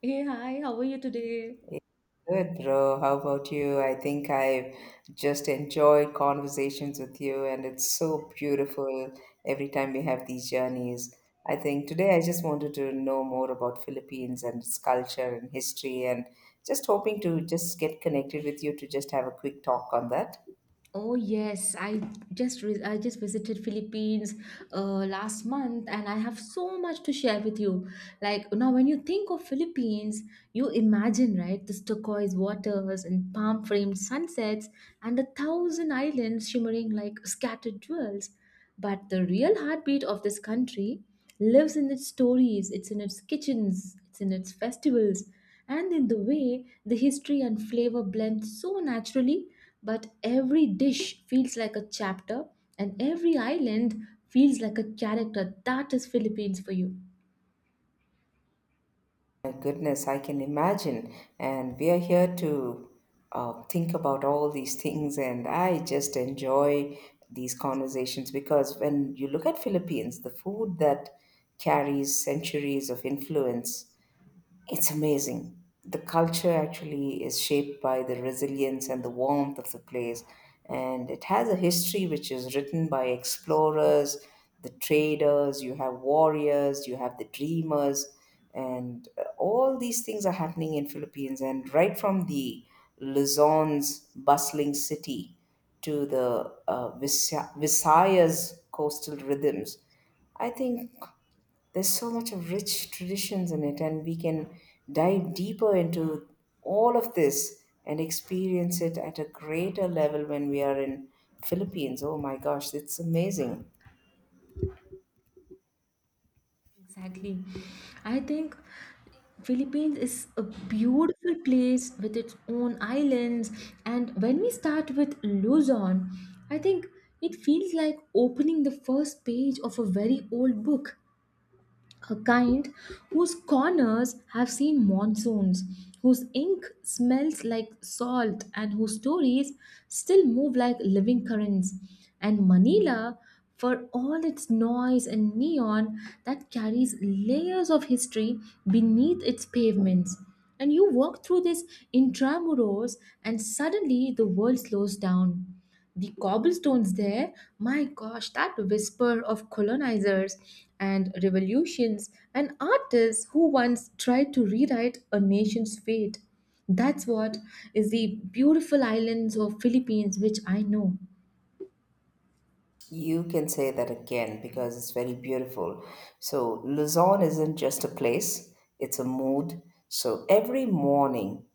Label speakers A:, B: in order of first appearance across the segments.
A: Hey, hi, how are you today?
B: Good, bro. How about you? I think I've just enjoyed conversations with you, and it's so beautiful every time we have these journeys. I think today I just wanted to know more about Philippines and its culture and history, and just hoping to just get connected with you to just have a quick talk on that.
A: Oh yes, I just visited Philippines last month, and I have so much to share with you. Like now, when you think of Philippines, you imagine right this turquoise waters and palm-framed sunsets, and a thousand islands shimmering like scattered jewels. But the real heartbeat of this country lives in its stories, it's in its kitchens, it's in its festivals, and in the way the history and flavor blend so naturally. But every dish feels like a chapter, and every island feels like a character. That is Philippines for you.
B: My goodness, I can imagine. And we are here to think about all these things, and I just enjoy these conversations because when you look at Philippines, the food that carries centuries of influence, it's amazing. The culture actually is shaped by the resilience and the warmth of the place. And it has a history which is written by explorers, the traders, you have warriors, you have the dreamers, and all these things are happening in Philippines. And right from the Luzon's bustling city to the Visayas coastal rhythms, I think. There's so much of rich traditions in it, and we can dive deeper into all of this and experience it at a greater level when we are in Philippines. Oh my gosh, it's amazing.
A: Exactly. I think Philippines is a beautiful place with its own islands, and when we start with Luzon, I think it feels like opening the first page of a very old book, a kind whose corners have seen monsoons, whose ink smells like salt, and whose stories still move like living currents. And Manila, for all its noise and neon, that carries layers of history beneath its pavements. And you walk through this intramuros, and suddenly the world slows down, the cobblestones there, my gosh, that whisper of colonizers and revolutions and artists who once tried to rewrite a nation's fate. That's what is the beautiful islands of Philippines, which I know.
B: You can say that again because it's very beautiful. So, Luzon isn't just a place, it's a mood. So, every morning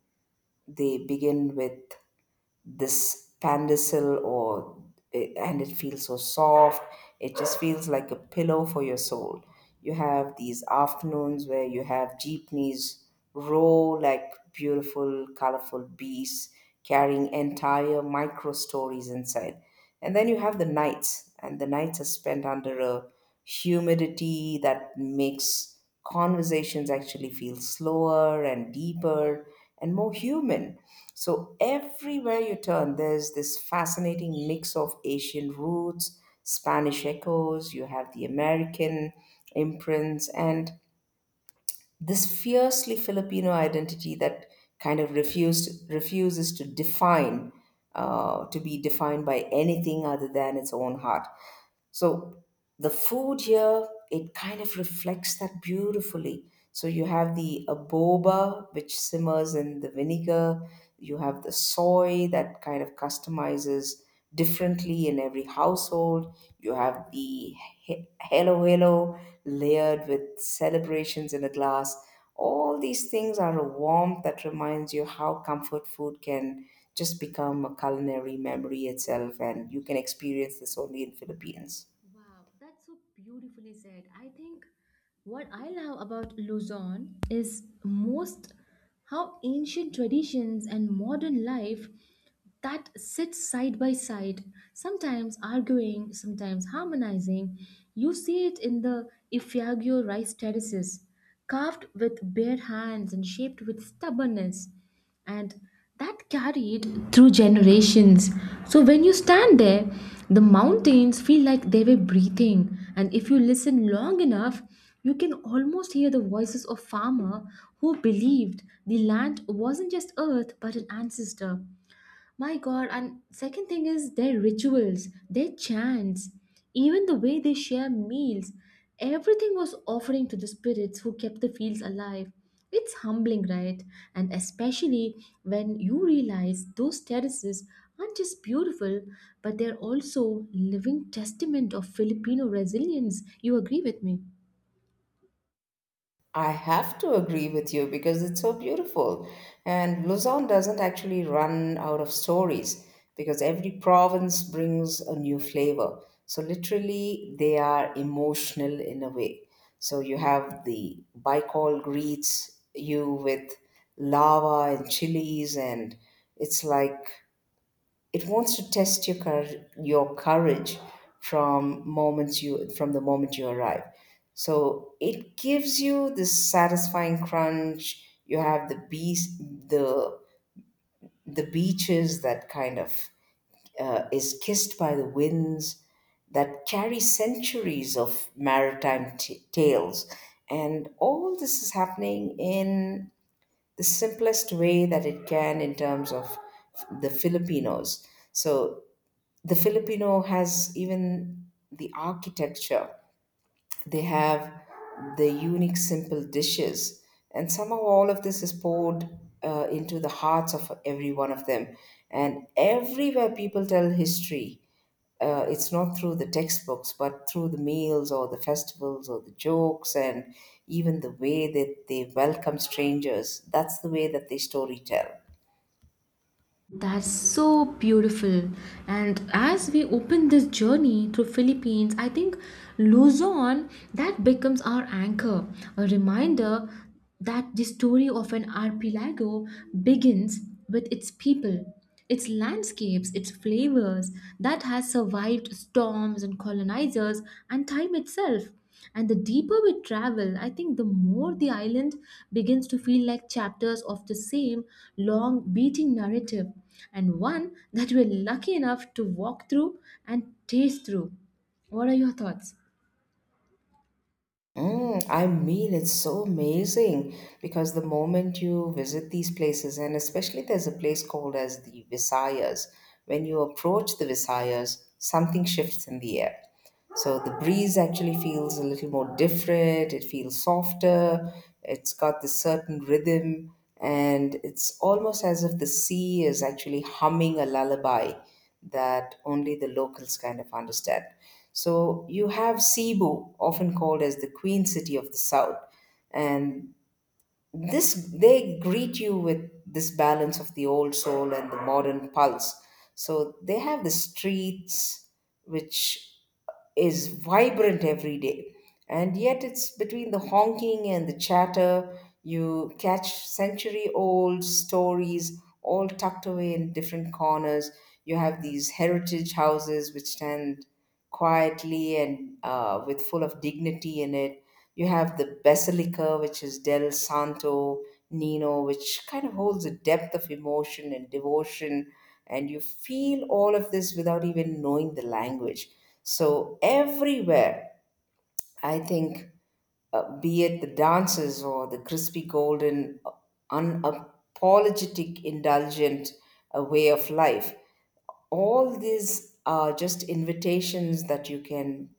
B: they begin with this pandesal or and it feels so soft, it just feels like a pillow for your soul. You have these afternoons where you have jeepneys roll like beautiful colorful beasts carrying entire micro stories inside, and then you have the nights, and the nights are spent under a humidity that makes conversations actually feel slower and deeper and more human. So, everywhere you turn, there's this fascinating mix of Asian roots, Spanish echoes, you have the American imprints, and this fiercely Filipino identity that refuses to define, to be defined by anything other than its own heart. So the food here, it kind of reflects that beautifully. So you have the aboba, which simmers in the vinegar. You have the soy that kind of customizes differently in every household. You have the hello layered with celebrations in a glass. All these things are a warmth that reminds you how comfort food can just become a culinary memory itself, and you can experience this only in Philippines.
A: Wow, that's so beautifully said. I think what I love about Luzon is most how ancient traditions and modern life that sits side by side, sometimes arguing, sometimes harmonizing. You see it in the Ifiagio rice terraces, carved with bare hands and shaped with stubbornness, and that carried through generations. So when you stand there, the mountains feel like they were breathing, and if you listen long enough, you can almost hear the voices of farmer who believed the land wasn't just earth but an ancestor. My God, and second thing is their rituals, their chants, even the way they share meals. Everything was offering to the spirits who kept the fields alive. It's humbling, right? And especially when you realize those terraces aren't just beautiful, but they're also living testament of Filipino resilience. You agree with me?
B: I have to agree with you because it's so beautiful. And Luzon doesn't actually run out of stories because every province brings a new flavor. So, literally, they are emotional in a way. So, you have the Baikal greets you with lava and chilies, and it's like it wants to test your your courage from the moment you arrive. So it gives you this satisfying crunch. You have the bees, the the beaches that kind of is kissed by the winds that carry centuries of maritime tales. And all this is happening in the simplest way that it can in terms of the Filipinos. So the Filipino has even the architecture. They have the unique, simple dishes, and somehow all of this is poured into the hearts of every one of them. And everywhere people tell history, it's not through the textbooks, but through the meals or the festivals or the jokes, and even the way that they welcome strangers. That's the way that they story tell.
A: That's so beautiful. And as we open this journey through Philippines, I think Luzon that becomes our anchor, a reminder that the story of an archipelago begins with its people. Its landscapes, its flavors, that has survived storms and colonizers and time itself. And the deeper we travel, I think the more the island begins to feel like chapters of the same long beating narrative, and one that we're lucky enough to walk through and taste through. What are your thoughts?
B: I mean, it's so amazing because the moment you visit these places, and especially there's a place called as the Visayas, when you approach the Visayas, something shifts in the air. So the breeze actually feels a little more different, it feels softer, it's got this certain rhythm, and it's almost as if the sea is actually humming a lullaby that only the locals kind of understand. So you have Cebu, often called as the Queen City of the South, and this, they greet you with this balance of the old soul and the modern pulse. So they have the streets which is vibrant every day, and yet it's between the honking and the chatter you catch century old stories all tucked away in different corners. You have these heritage houses which stand quietly and with full of dignity in it. You have the Basilica, which is Del Santo Nino, which kind of holds a depth of emotion and devotion, and you feel all of this without even knowing the language. So everywhere, I think, be it the dances or the crispy golden, unapologetic, indulgent way of life, all these are just invitations that you can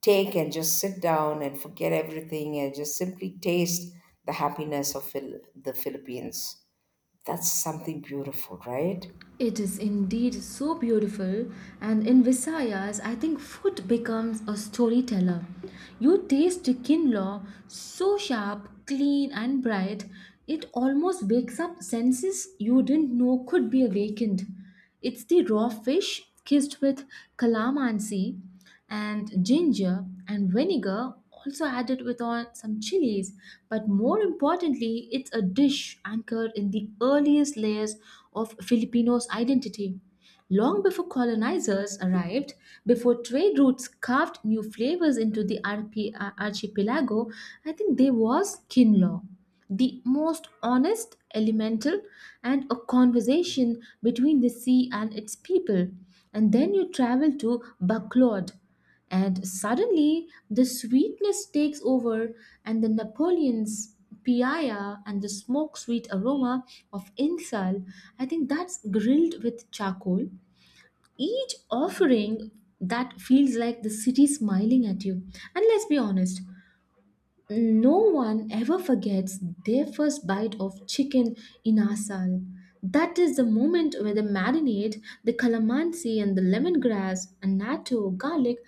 B: take and just sit down and forget everything and just simply taste the happiness of the Philippines. That's something beautiful, right?
A: It is indeed so beautiful, and in Visayas, I think food becomes a storyteller. You taste the kinlaw so sharp, clean, and bright, it almost wakes up senses you didn't know could be awakened. It's the raw fish kissed with calamansi and ginger and vinegar, also added with on some chilies. But more importantly, it's a dish anchored in the earliest layers of Filipino's identity. Long before colonizers arrived, before trade routes carved new flavors into the archipelago, I think there was kin law, the most honest, elemental, and a conversation between the sea and its people. And then you travel to Baclod, and suddenly, the sweetness takes over, and the Napoleon's piaya and the smoke sweet aroma of insal, I think that's grilled with charcoal. Each offering that feels like the city smiling at you. And let's be honest, no one ever forgets their first bite of chicken in asal. That is the moment where the marinade, the calamansi, and the lemongrass, and natto, garlic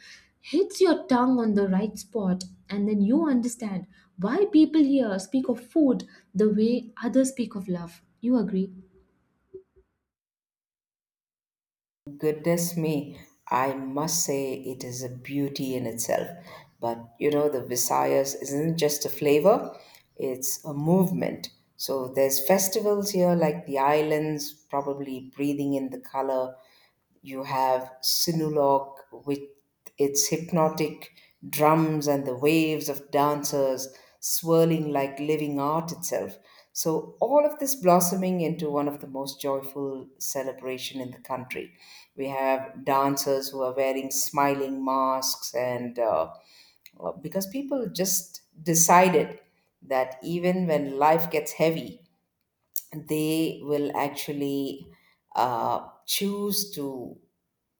A: hits your tongue on the right spot, and then you understand why people here speak of food the way others speak of love. You agree?
B: Goodness me, I must say it is a beauty in itself. But you know, the Visayas isn't just a flavor, it's a movement. So there's festivals here like the islands, probably breathing in the color. You have Sinulog with its hypnotic drums and the waves of dancers swirling like living art itself. So all of this blossoming into one of the most joyful celebration in the country. We have dancers who are wearing smiling masks and because people just decided that even when life gets heavy, they will actually choose to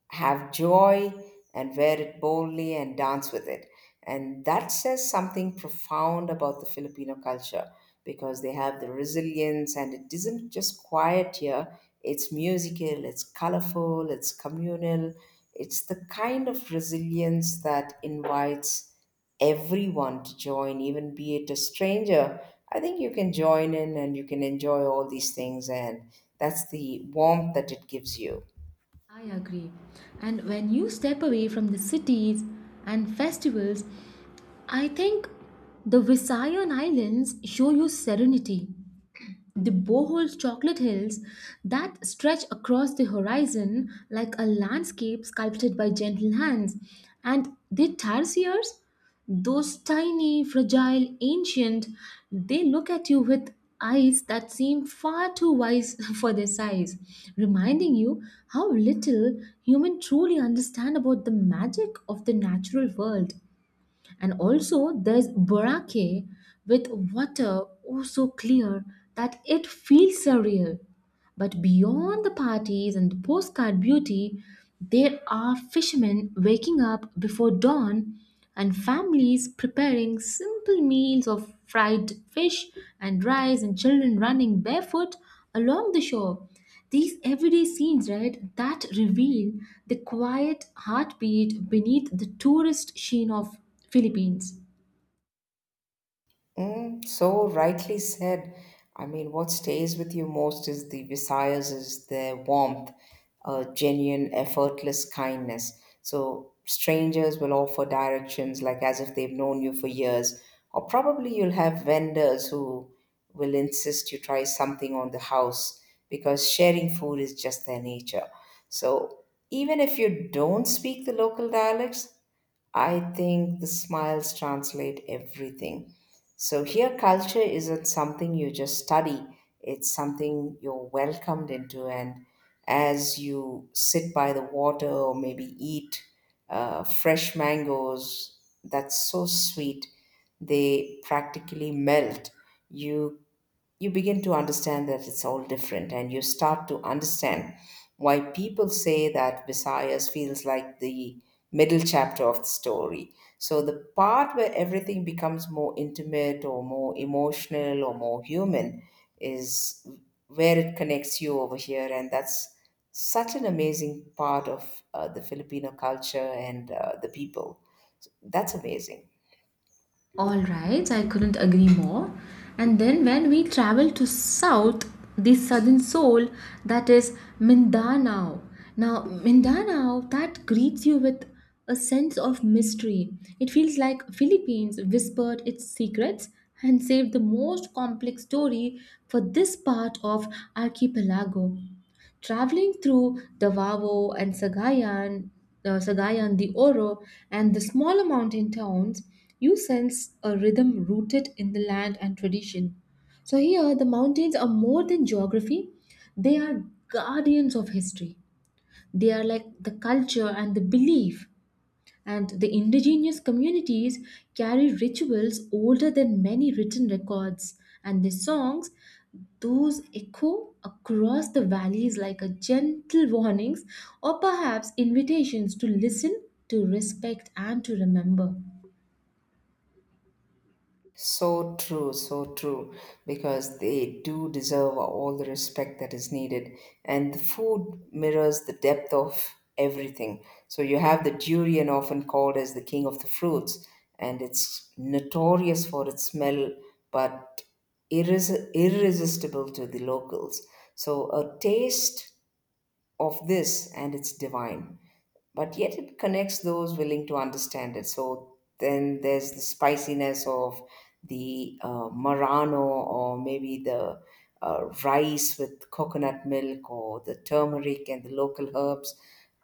B: have joy and wear it boldly and dance with it. And that says something profound about the Filipino culture because they have the resilience and it isn't just quiet here, it's musical, it's colorful, it's communal. It's the kind of resilience that invites everyone to join, even be it a stranger. I think you can join in and you can enjoy all these things, and that's the warmth that it gives you.
A: I agree. And when you step away from the cities and festivals, I think the Visayan Islands show you serenity. The Bohol chocolate hills that stretch across the horizon like a landscape sculpted by gentle hands, and the tarsiers, those tiny, fragile, ancient, they look at you with eyes that seem far too wise for their size, reminding you how little human truly understand about the magic of the natural world. And also, there's Boracay with water oh so clear that it feels surreal. But beyond the parties and the postcard beauty, there are fishermen waking up before dawn and families preparing simple meals of fried fish and rice and children running barefoot along the shore. These everyday scenes, right, that reveal the quiet heartbeat beneath the tourist sheen of Philippines.
B: So rightly said. I mean, what stays with you most is the Visayas is their warmth, a genuine, effortless kindness. So strangers will offer directions like as if they've known you for years, or probably you'll have vendors who will insist you try something on the house because sharing food is just their nature. So even if you don't speak the local dialects, I think the smiles translate everything. So here, culture isn't something you just study, it's something you're welcomed into. And as you sit by the water or maybe eat fresh mangoes, that's so sweet, they practically melt. You you begin to understand that it's all different, and you start to understand why people say that Visayas feels like the middle chapter of the story. So the part where everything becomes more intimate or more emotional or more human is where it connects you over here, and that's such an amazing part of the Filipino culture and the people. That's amazing.
A: All right, I couldn't agree more. And then when we travel to south, the southern soul, that is Mindanao. Now, Mindanao that greets you with a sense of mystery. It feels like Philippines whispered its secrets and saved the most complex story for this part of archipelago. Traveling through the Vavo and Sagayan, Sagayan, the Oro, and the smaller mountain towns, you sense a rhythm rooted in the land and tradition. So here, the mountains are more than geography; they are guardians of history. They are like the culture and the belief and the indigenous communities carry rituals older than many written records, and their songs those echo across the valleys like a gentle warnings or perhaps invitations to listen, to respect, and to remember.
B: So true, because they do deserve all the respect that is needed. And the food mirrors the depth of everything. So you have the durian, often called as the king of the fruits, and it's notorious for its smell, but irresistible to the locals. So a taste of this, and it's divine, but yet it connects those willing to understand it. So then there's the spiciness of the Marano, or maybe the rice with coconut milk or the turmeric and the local herbs.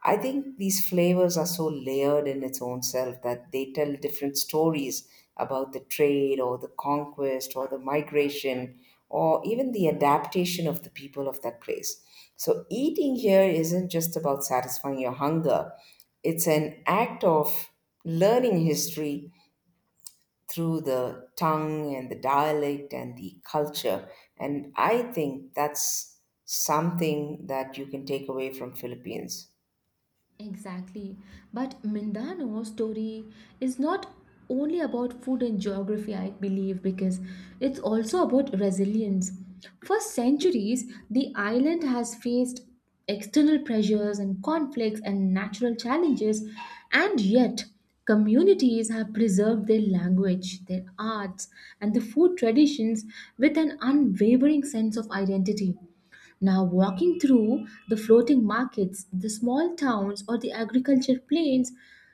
B: I think these flavors are so layered in its own self that they tell different stories about the trade or the conquest or the migration or even the adaptation of the people of that place. So, eating here isn't just about satisfying your hunger, it's an act of learning history through the tongue and the dialect and the culture. And I think that's something that you can take away from Philippines.
A: Exactly. But Mindano's story is not only about food and geography, I believe, because it's also about resilience. For centuries, the island has faced external pressures and conflicts and natural challenges, and yet communities have preserved their language, their arts, and the food traditions with an unwavering sense of identity. Now, walking through the floating markets, the small towns, or the agriculture plains,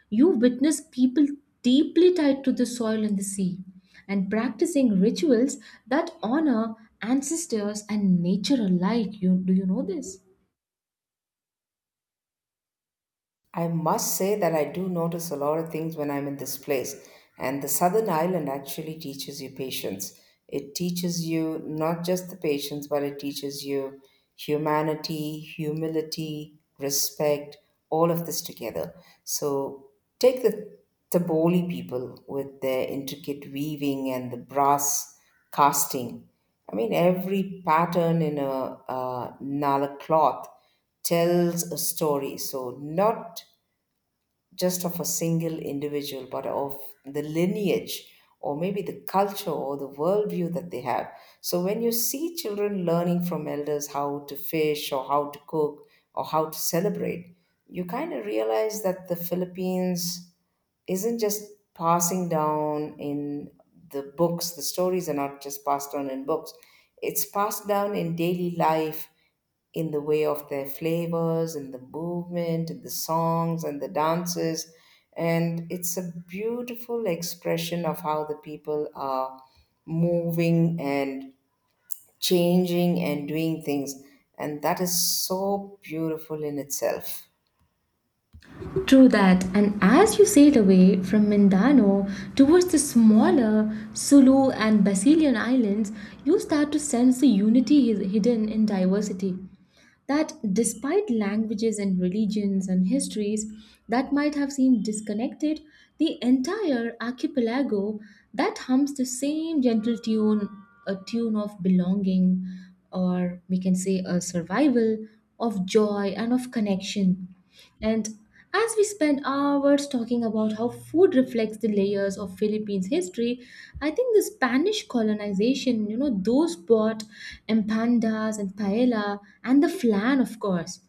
A: you witness people deeply tied to the soil and the sea and practicing rituals that honor ancestors and nature alike. You, do you know this?
B: I must say that I do notice a lot of things when I'm in this place. And the Southern Island actually teaches you patience. It teaches you not just the patience, but it teaches you humanity, humility, respect, all of this together. So take the Taboli people with their intricate weaving and the brass casting. I mean, every pattern in a, Nala cloth tells a story. So, not just of a single individual, but of the lineage or maybe the culture or the worldview that they have. So, when you see children learning from elders how to fish or how to cook or how to celebrate, you kind of realize that the Philippines isn't just passing down in the books. The stories are not just passed on in books, it's passed down in daily life in the way of their flavors and the movement and the songs and the dances. And it's a beautiful expression of how the people are moving and changing and doing things. And that is so beautiful in itself.
A: True that, and as you sailed away from Mindano towards the smaller Sulu and Basilian islands, you start to sense the unity hidden in diversity. That despite languages and religions and histories that might have seemed disconnected, the entire archipelago that hums the same gentle tune, a tune of belonging, or we can say a survival, of joy, and of connection. And as we spend hours talking about how food reflects the layers of Philippines history, I think the Spanish colonization, you know, those bought empandas and paella and the flan, of course.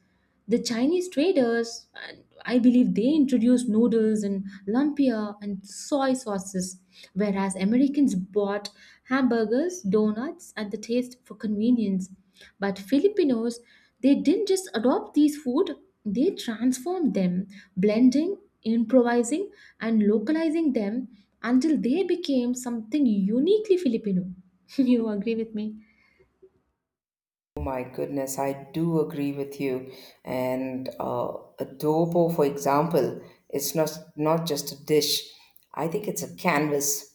A: The Chinese traders, and I believe they introduced noodles and lumpia and soy sauces, whereas Americans bought hamburgers, donuts, and the taste for convenience. But Filipinos, they didn't just adopt these food, they transformed them, blending, improvising, and localizing them until they became something uniquely Filipino. You agree with me?
B: Oh my goodness, I do agree with you. And adobo, for example, it's not just a dish. I think it's a canvas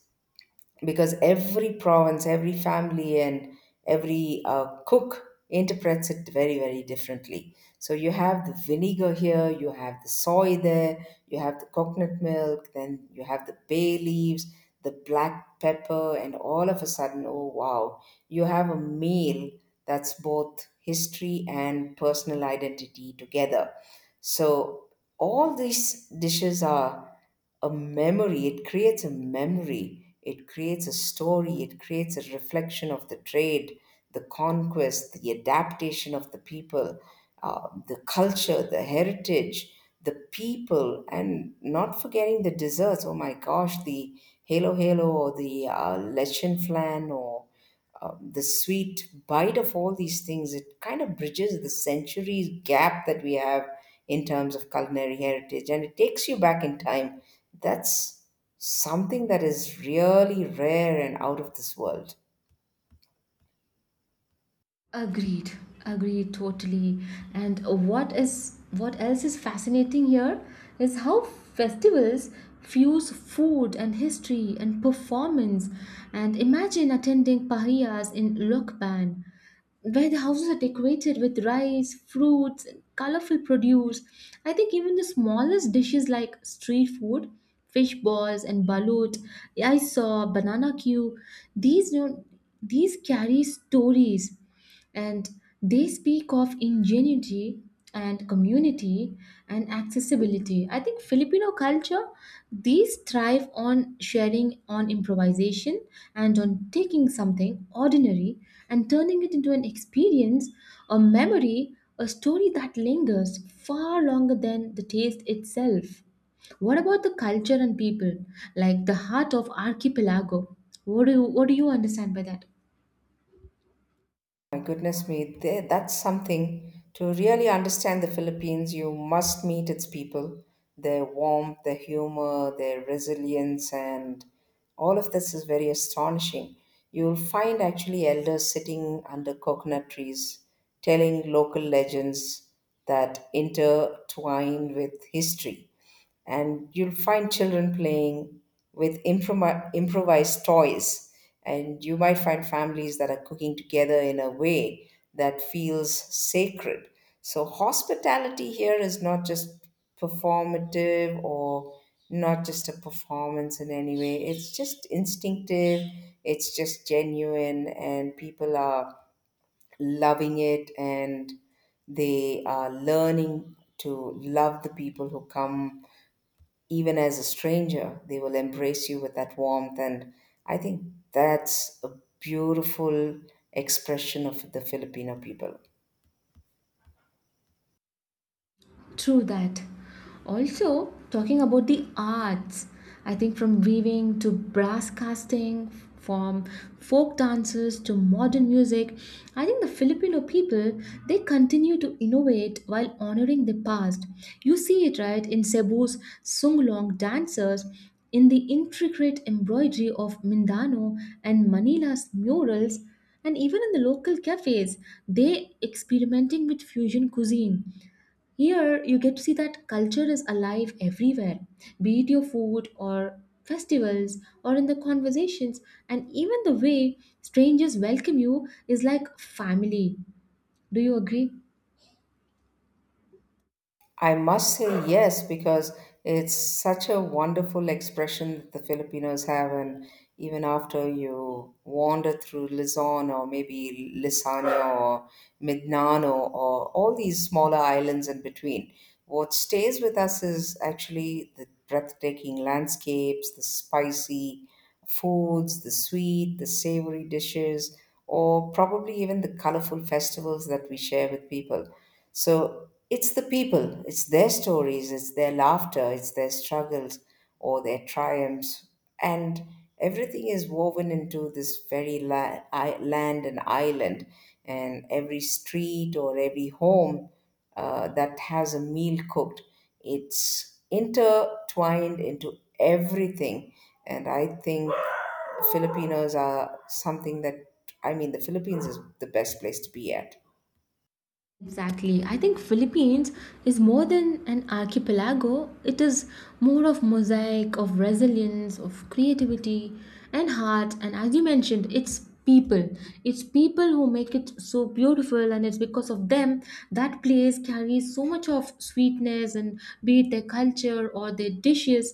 B: because every province, every family, and every cook interprets it very, very differently. So you have the vinegar here, you have the soy there, you have the coconut milk, then you have the bay leaves, the black pepper, and all of a sudden, oh wow, you have a meal that's both history and personal identity together. So all these dishes are a memory, it creates a memory, it creates a story, it creates a reflection of the trade, the conquest, the adaptation of the people, the culture, the heritage, the people, and not forgetting the desserts. Oh my gosh, the Halo Halo or the Lechen Flan or the sweet bite of all these things, it kind of bridges the centuries gap that we have in terms of culinary heritage and it takes you back in time. That's something that is really rare and out of this world.
A: Agreed. Agreed totally. And what else is fascinating here is how festivals fuse food and history and performance. And imagine attending pahiyas in Lokban, where the houses are decorated with rice, fruits, and colorful produce. I think even the smallest dishes like street food, fish balls, and balut, I saw banana queue. These you know, these carry stories, and they speak of ingenuity and community and accessibility. I think filipino culture these thrive on sharing, on improvisation, and on taking something ordinary and turning it into an experience, a memory, a story that lingers far longer than the taste itself. What about the culture and people like the heart of archipelago? What do you understand by that?
B: My goodness me, that's something. To really understand the Philippines, you must meet its people. Their warmth, their humor, their resilience, and all of this is very astonishing. You'll find actually elders sitting under coconut trees telling local legends that intertwine with history, and you'll find children playing with improvised toys, and you might find families that are cooking together in a way that feels sacred. So hospitality here is not just performative, or not just a performance in any way. It's just instinctive, it's just genuine, and people are loving it, and they are learning to love the people who come. Even as a stranger, they will embrace you with that warmth. And I think that's a beautiful expression of the Filipino people.
A: True that. Also, talking about the arts, I think from weaving to brass casting, from folk dances to modern music, I think the Filipino people they continue to innovate while honoring the past. You see it right in Cebu's sunglong dancers, in the intricate embroidery of Mindano and Manila's murals, and even in the local cafes, they experimenting with fusion cuisine. Here, you get to see that culture is alive everywhere, be it your food or festivals or in the conversations, and even the way strangers welcome you is like family. Do you agree?
B: I must say yes, because it's such a wonderful expression that the Filipinos have. And even after you wander through Luzon or maybe Lisano or Mindanao or all these smaller islands in between, what stays with us is actually the breathtaking landscapes, the spicy foods, the sweet, the savory dishes, or probably even the colorful festivals that we share with people. So it's the people, it's their stories, it's their laughter, it's their struggles or their triumphs. And everything is woven into this very land and island. And every street or every home that has a meal cooked, it's intertwined into everything. And I think Filipinos are something that, I mean, the Philippines is the best place to be at.
A: Exactly. I think Philippines is more than an archipelago. It is more of mosaic of resilience, of creativity and heart. And as you mentioned, it's people. It's people who make it so beautiful and it's because of them that place carries so much of sweetness and be it their culture or their dishes,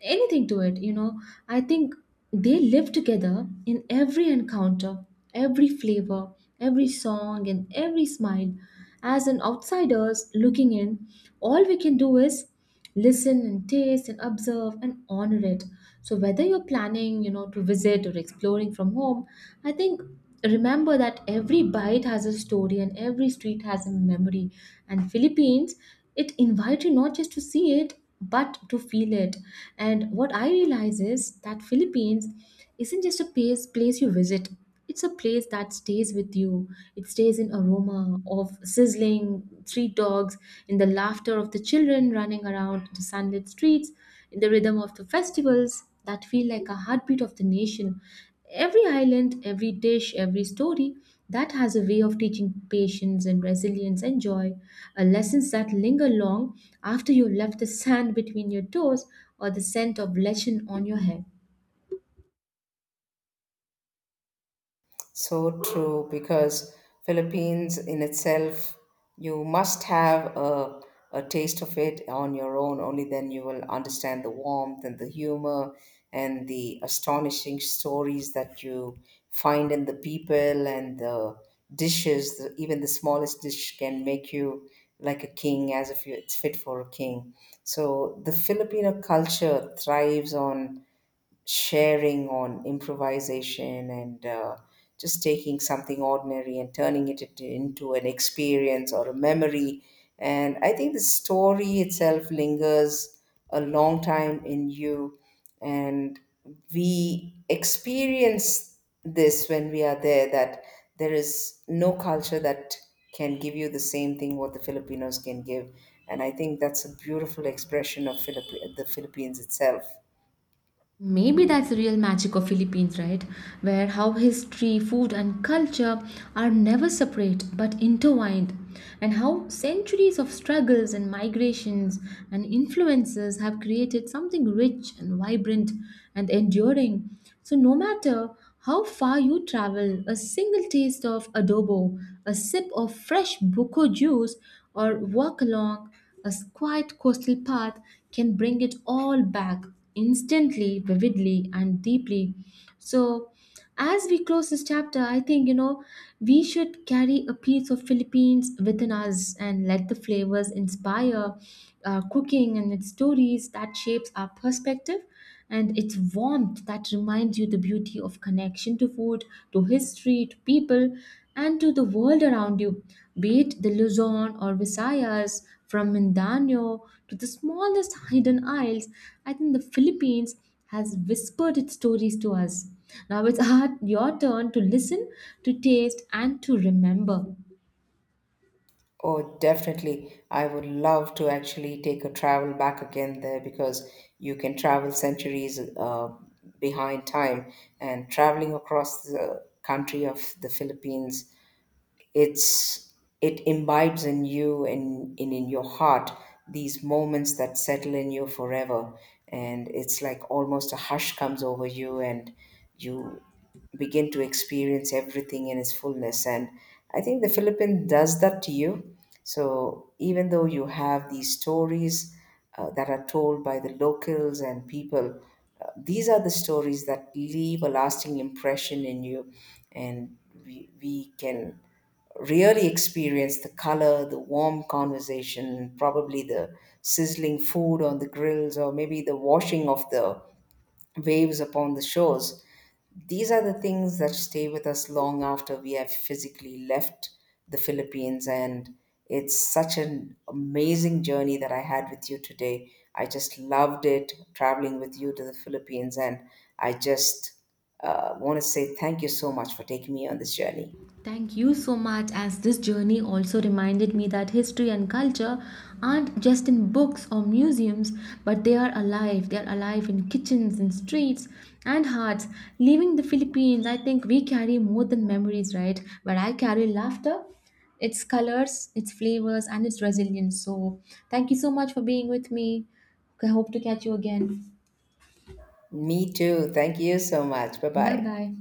A: anything to it, you know. I think they live together in every encounter, every flavor, every song, and every smile. As an outsiders looking in, all we can do is listen and taste and observe and honor it. So whether you're planning, you know, to visit or exploring from home, I think remember that every bite has a story and every street has a memory. And Philippines, it invites you not just to see it but to feel it. And what I realize is that Philippines isn't just a place you visit. It's a place that stays with you. It stays in aroma of sizzling street dogs, in the laughter of the children running around the sunlit streets, in the rhythm of the festivals that feel like a heartbeat of the nation. Every island, every dish, every story that has a way of teaching patience and resilience and joy, a lessons that linger long after you left the sand between your toes or the scent of legend on your head.
B: So true, because Philippines in itself, you must have a taste of it on your own. Only then you will understand the warmth and the humor and the astonishing stories that you find in the people and the dishes. Even the smallest dish can make you like a king, as if you, it's fit for a king. So the Filipino culture thrives on sharing, on improvisation, and just taking something ordinary and turning it into an experience or a memory. And I think the story itself lingers a long time in you. And we experience this when we are there, that there is no culture that can give you the same thing what the Filipinos can give. And I think that's a beautiful expression of the Philippines itself.
A: Maybe that's the real magic of Philippines, right? Where how history, food, and culture are never separate but intertwined, and how centuries of struggles and migrations and influences have created something rich and vibrant and enduring. So, no matter how far you travel, a single taste of adobo, a sip of fresh buko juice, or walk along a quiet coastal path can bring it all back instantly, vividly, and deeply. So, as we close this chapter, I think you know we should carry a piece of Philippines within us and let the flavors inspire our cooking and its stories that shapes our perspective and it's warmth that reminds you the beauty of connection to food, to history, to people, and to the world around you, be it the Luzon or Visayas, from Mindanao to the smallest hidden isles. I think the Philippines has whispered its stories to us. Now it's your turn to listen, to taste, and to remember.
B: Oh, definitely. I would love to actually take a travel back again there, because you can travel centuries behind time, and traveling across the country of the Philippines, it's, it imbibes in you and in your heart these moments that settle in you forever, and it's like almost a hush comes over you, and you begin to experience everything in its fullness. And I think the Philippines does that to you. So even though you have these stories that are told by the locals and people, these are the stories that leave a lasting impression in you. And we can really experience the color, the warm conversation, probably the sizzling food on the grills, or maybe the washing of the waves upon the shores. These are the things that stay with us long after we have physically left the Philippines. And it's such an amazing journey that I had with you today. I just loved it traveling with you to the Philippines. And I just want to say thank you so much for taking me on this journey.
A: Thank you so much, as this journey also reminded me that history and culture aren't just in books or museums, but they are alive. They are alive in kitchens and streets and hearts. Leaving the Philippines, I think we carry more than memories, right? But I carry laughter, its colors, its flavors, and its resilience. So, thank you so much for being with me. I hope to catch you again.
B: Me too. Thank you so much. Bye
A: Bye
B: bye.
A: bye.